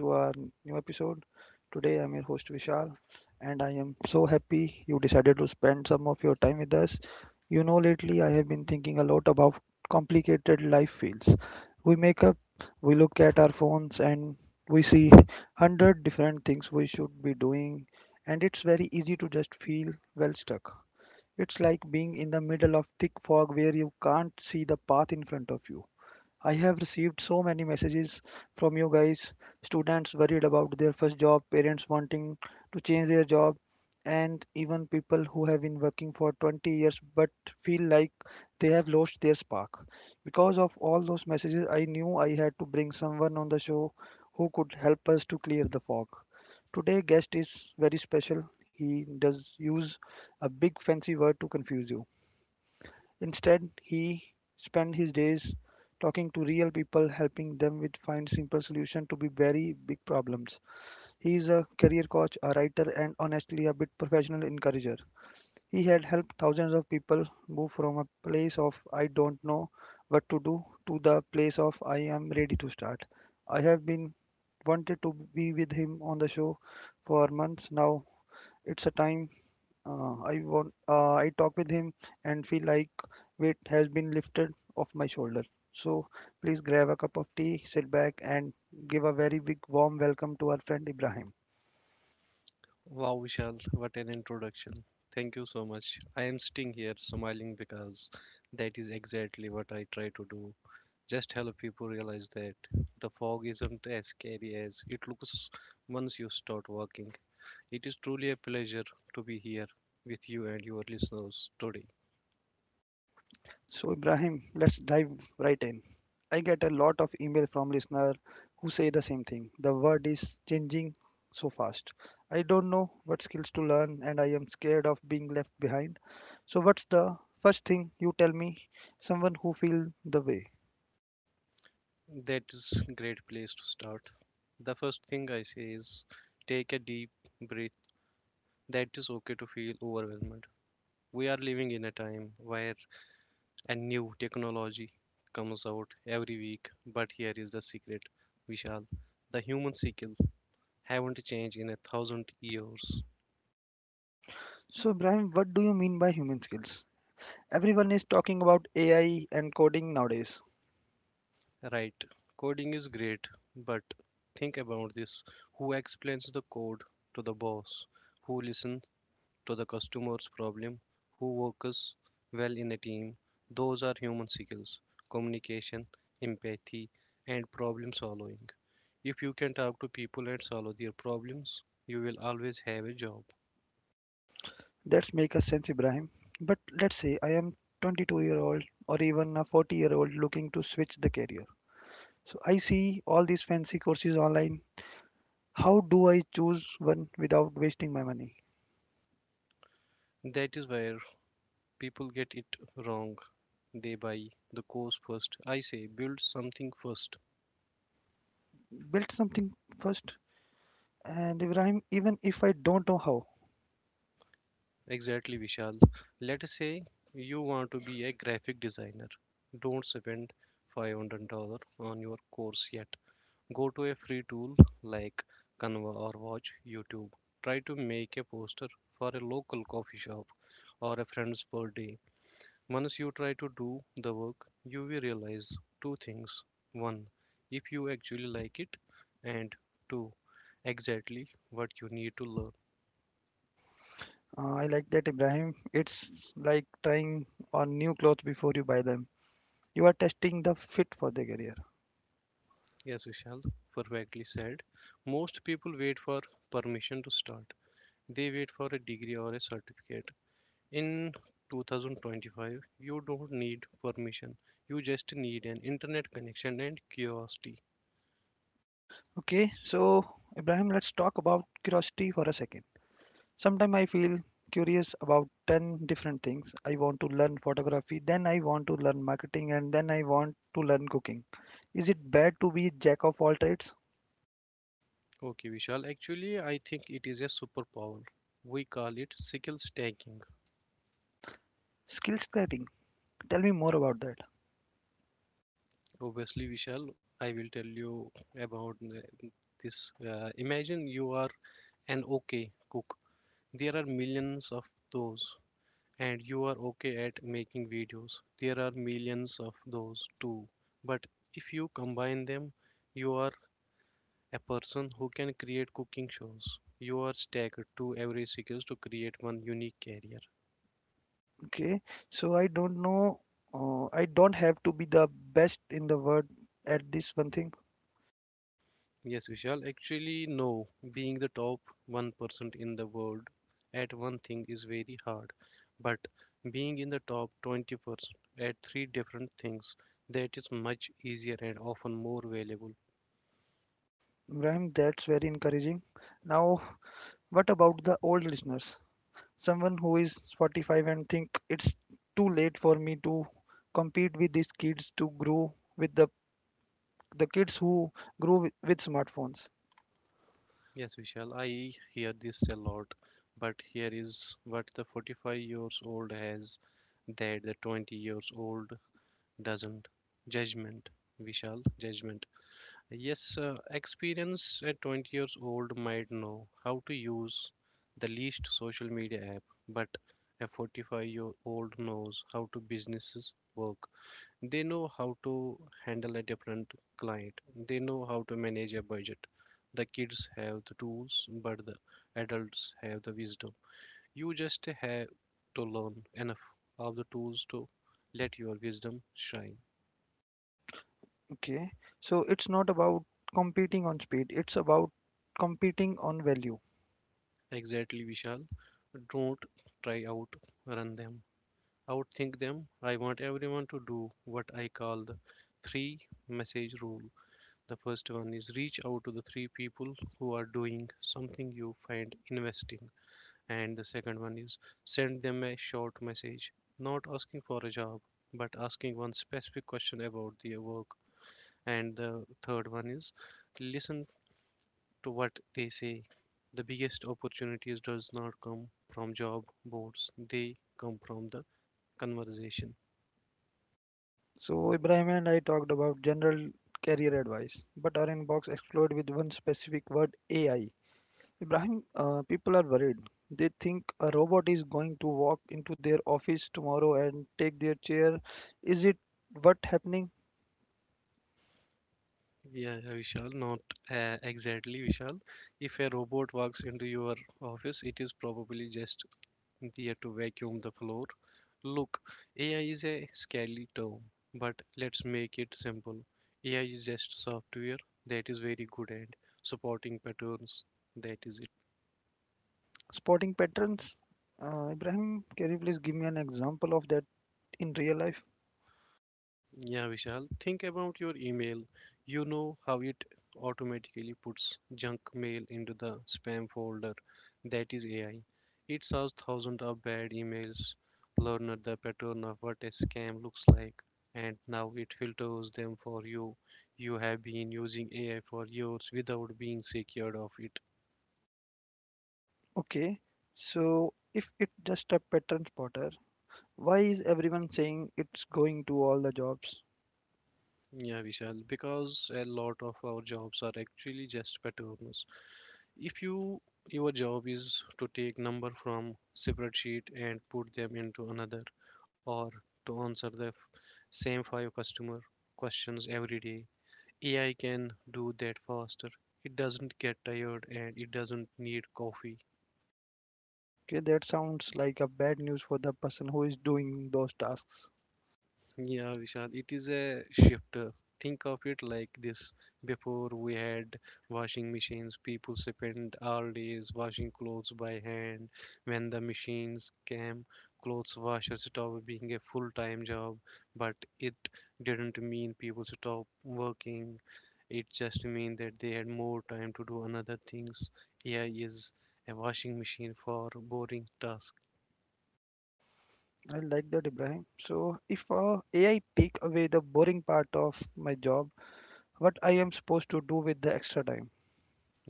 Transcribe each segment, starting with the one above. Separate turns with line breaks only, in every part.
to our new episode. Today, I'm your host Vishal, and I am so happy you decided to spend some of your time with us. You know, lately I have been thinking a lot about complicated life feels. We make up, we look at our phones, and we see 100 different things we should be doing, and it's very easy to just feel well stuck. It's like being in the middle of thick fog where you can't see the path in front of you. I have received so many messages from you guys, students worried about their first job, parents wanting to change their job, and even people who have been working for 20 years but feel like they have lost their spark. Because of all those messages, I knew I had to bring someone on the show who could help us to clear the fog. Today guest is very special. He does use a big fancy word to confuse you. Instead, he spent his days talking to real people, helping them with find simple solutions to be very big problems. He is a career coach, a writer, and honestly a bit professional encourager. He had helped thousands of people move from a place of I don't know what to do to the place of I am ready to start. I have been wanted to be with him on the show for months now. It's a time I want. I talk with him and feel like weight has been lifted off my shoulder. So please grab a cup of tea, sit back, and give a very big warm welcome to our friend Ibrahim.
Wow, Vishal, what an introduction. Thank you so much. I am sitting here smiling because that is exactly what I try to do. Just help people realize that the fog isn't as scary as it looks once you start working. It is truly a pleasure to be here with you and your listeners today.
So Ibrahim, let's dive right in. I get a lot of email from listener who say the same thing. The world is changing so fast. I don't know what skills to learn, and I am scared of being left behind. So what's the first thing you tell me? Someone who feel the way.
That is great place to start. The first thing I say is take a deep breath. That is okay to feel overwhelmed. We are living in a time where and new technology comes out every week. But here is the secret, Vishal. The human skill haven't changed in a thousand years.
So, Ibrahim, what do you mean by human skills? Everyone is talking about AI and coding nowadays.
Right. Coding is great, but think about this. Who explains the code to the boss? Who listens to the customer's problem, who works well in a team? Those are human skills: communication, empathy, and problem solving. If you can talk to people and solve their problems, you will always have a job.
That's make a sense, Ibrahim. But let's say I am 22-year-old or even a 40-year-old looking to switch the career. So I see all these fancy courses online. How do I choose one without wasting my money?
That is where people get it wrong. They buy the course first. I say build something first.
Build something first. And Ibrahim, even if I don't know how,
Exactly, Vishal. Let us say you want to be a graphic designer. Don't spend $500 on your course yet. Go to a free tool like Canva or watch YouTube. Try to make a poster for a local coffee shop or a friend's birthday. Once you try to do the work, you will realize two things. One, if you actually like it, and two, exactly what you need to learn.
I like that Ibrahim. It's like trying on new clothes before you buy them. You are testing the fit for the career.
As Vishal perfectly said, most people wait for permission to start. They wait for a degree or a certificate. In 2025, you don't need permission. You just need an internet connection and curiosity.
Okay, so Ibrahim, let's talk about curiosity for a second. Sometimes I feel curious about 10 different things. I want to learn photography, then I want to learn marketing, and then I want to learn cooking. Is it bad to be jack of all trades?
Okay, Vishal. Actually, I think it is a superpower. We call it skill stacking.
Skill training. Tell me more about that.
Obviously, Vishal, I will tell you about this. Imagine you are an okay cook. There are millions of those, and you are okay at making videos. There are millions of those too. But if you combine them, you are a person who can create cooking shows. You are staggered to every skills to create one unique career.
Okay, so I don't know, I don't have to be the best in the world at this one thing.
Yes, Vishal, actually, no. Being the top 1% in the world at one thing is very hard, but being in the top 20% at three different things, that is much easier and often more valuable.
Ibrahim, that's very encouraging. Now, what about the old listeners? Someone who is 45 and think it's too late for me to compete with these kids to grow with the kids who grow with smartphones.
Yes, Vishal, I hear this a lot, but here is what the 45 years old has that the 20 years old doesn't. Judgment, Vishal, judgment. Yes, experience. At 20 years old might know how to use the least social media app, but a 45-year-old knows how to businesses work. They know how to handle a different client. They know how to manage a budget. The kids have the tools, but the adults have the wisdom. You just have to learn enough of the tools to let your wisdom shine.
Okay, so it's not about competing on speed, it's about competing on value.
Exactly, Vishal. Don't try out run them. Outthink them. I want everyone to do what I call the three message rule. The first one is reach out to the three people who are doing something you find investing. And the second one is send them a short message, not asking for a job, but asking one specific question about their work. And the third one is listen to what they say. The biggest opportunities does not come from job boards. They come from the conversation.
So Ibrahim and I talked about general career advice, but our inbox exploded with one specific word: AI. Ibrahim, people are worried. They think a robot is going to walk into their office tomorrow and take their chair. Is it what happening?
Yeah, yeah, Vishal, not, exactly Vishal. If a robot walks into your office, it is probably just there to vacuum the floor. Look, AI is a scary term, but let's make it simple. AI is just software that is very good at supporting patterns. That is it.
Spotting patterns? Ibrahim, can you please give me an example of that in real life?
Yeah, Vishal, think about your email. You know how it automatically puts junk mail into the spam folder. That is AI. It saws thousands of bad emails, learned the pattern of what a scam looks like, and now it filters them for you. You have been using AI for years without being secured of it.
Okay, so if it's just a pattern spotter, why is everyone saying it's going to all the jobs?
Yeah, Vishal, because a lot of our jobs are actually just patterns. If you your job is to take number from spreadsheet and put them into another, or to answer the same five customer questions every day, AI can do that faster. It doesn't get tired and it doesn't need coffee.
Okay, that sounds like a bad news for the person who is doing those tasks.
Yeah, Vishal, it is a shifter. Think of it like this. Before we had washing machines, people spent all days washing clothes by hand. When the machines came, clothes washers stopped being a full-time job, but it didn't mean people stopped working. It just meant that they had more time to do another things. AI is a washing machine for boring tasks.
I like that, Ibrahim. So, if AI take away the boring part of my job, what I am supposed to do with the extra time?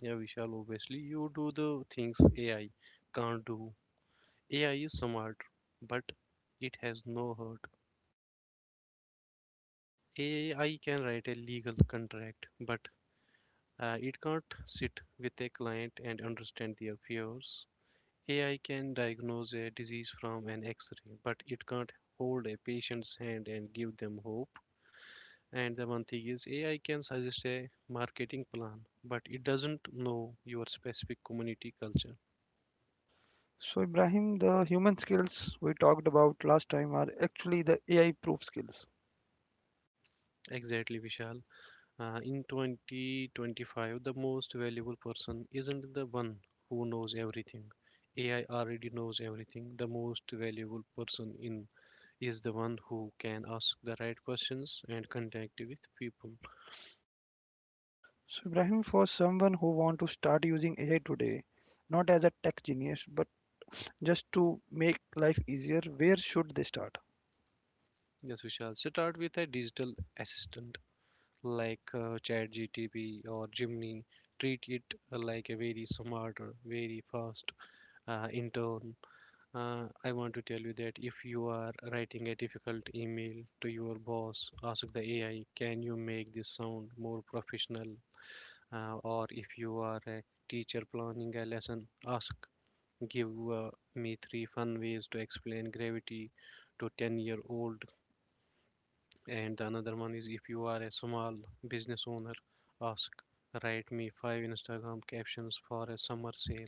Yeah, Vishal, obviously you do the things AI can't do. AI is smart, but it has no heart. AI can write a legal contract, but it can't sit with a client and understand their fears. AI can diagnose a disease from an x ray, but it can't hold a patient's hand and give them hope. And the one thing is, AI can suggest a marketing plan, but it doesn't know your specific community culture.
So, Ibrahim, the human skills we talked about last time are actually the AI-proof skills.
Exactly, Vishal. In 2025, the most valuable person isn't the one who knows everything. AI already knows everything. The most valuable person in is the one who can ask the right questions and connect with people.
So, Ibrahim, for someone who want to start using AI today, not as a tech genius, but just to make life easier, where should they start?
Yes, we shall start with a digital assistant like ChatGTP or Gemini. Treat it like a very smart or very fast intern. I want to tell you that if you are writing a difficult email to your boss, ask the AI, can you make this sound more professional? Or if you are a teacher planning a lesson, ask, give me three fun ways to explain gravity to 10 year old. And the another one is if you are a small business owner, ask, write me five Instagram captions for a summer sale.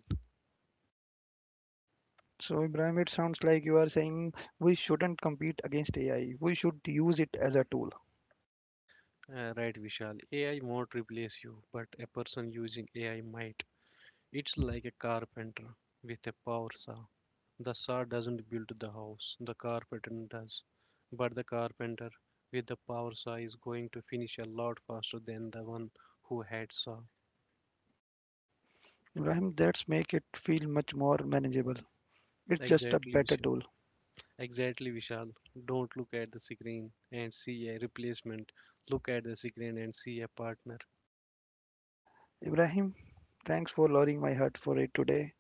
So, Ibrahim, it sounds like you are saying we shouldn't compete against AI. We should use it as a tool.
Right, Vishal. AI won't replace you, but a person using AI might. It's like a carpenter with a power saw. The saw doesn't build the house, the carpenter does. But the carpenter with the power saw is going to finish a lot faster than the one who had saw.
Ibrahim, that's make it feel much more manageable. It's just a
Exactly,
better
Vishal.
tool.
Exactly, Vishal. Don't look at the screen and see a replacement. Look at the screen and see a partner.
Ibrahim, thanks for lowering my heart for it today.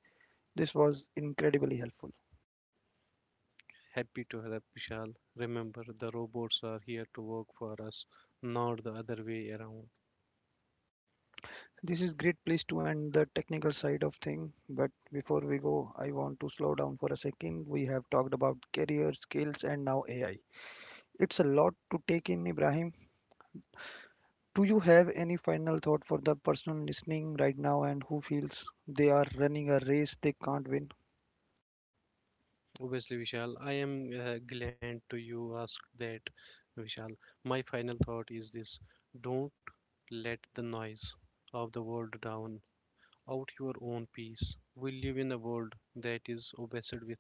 This was incredibly helpful.
Happy to help, Vishal. Remember, the robots are here to work for us, not the other way around.
This is great place to end the technical side of thing, but before we go, I want to slow down for a second. We have talked about career skills and now AI. It's a lot to take in, Ibrahim. Do you have any final thought for the person listening right now and who feels they are running a race they can't win?
Obviously, Vishal, I am glad to you ask that, Vishal. My final thought is this: don't let the noise of the world drown out your own peace. We live in a world that is obsessed with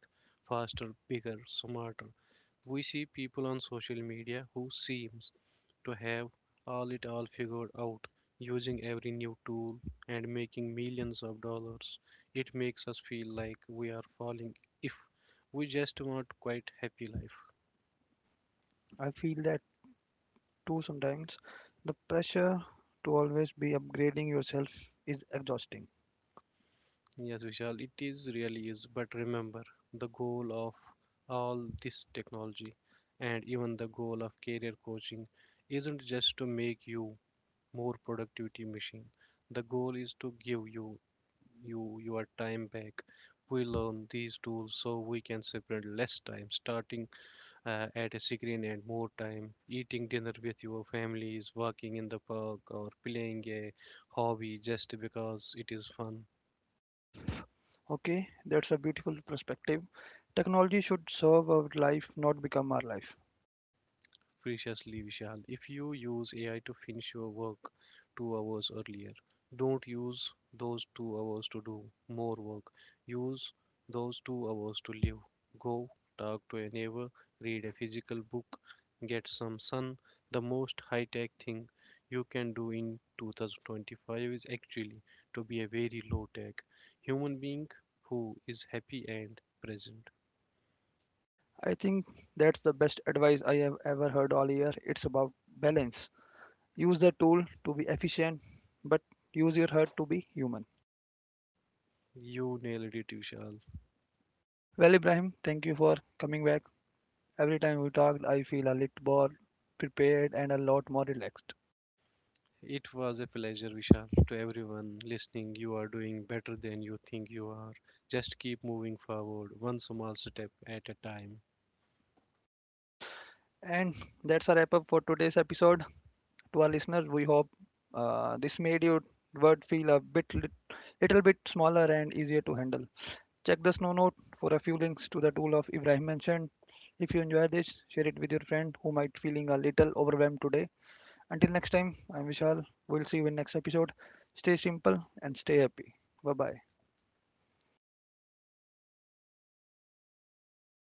faster, bigger, smarter. We see people on social media who seems to have all it all figured out using every new tool and making millions of dollars. It makes us feel like we are falling if we just want quite happy life.
I feel that too sometimes. The pressure to always be upgrading yourself is exhausting.
Yes, Vishal, it is really is. But remember, the goal of all this technology and even the goal of career coaching isn't just to make you more productivity machine. The goal is to give you your time back. We learn these tools so we can separate less time, starting at a screen and more time, eating dinner with your families, walking in the park, or playing a hobby just because it is fun.
Okay, that's a beautiful perspective. Technology should serve our life, not become our life.
Preciously, Vishal. If you use AI to finish your work 2 hours earlier, don't use those 2 hours to do more work. Use those 2 hours to live. Go talk to a neighbor, read a physical book, get some sun. The most high tech thing you can do in 2025 is actually to be a very low tech human being who is happy and present.
I think that's the best advice I have ever heard all year. It's about balance. Use the tool to be efficient, but use your heart to be human.
You nailed it, Vishal.
Well Ibrahim, thank you for coming back. Every time we talk I feel a little more prepared and a lot more relaxed.
It was a pleasure, Vishal. To everyone listening, you are doing better than you think you are. Just keep moving forward, one small step at a time.
And that's a wrap up for today's episode. To our listeners, we hope this made your word feel little bit smaller and easier to handle. Check the snow note for a few links to the tool of Ibrahim mentioned. If you enjoy this, share it with your friend who might feeling a little overwhelmed today. Until next time, I'm Vishal. We'll see you in next episode. Stay simple and stay happy. Bye bye.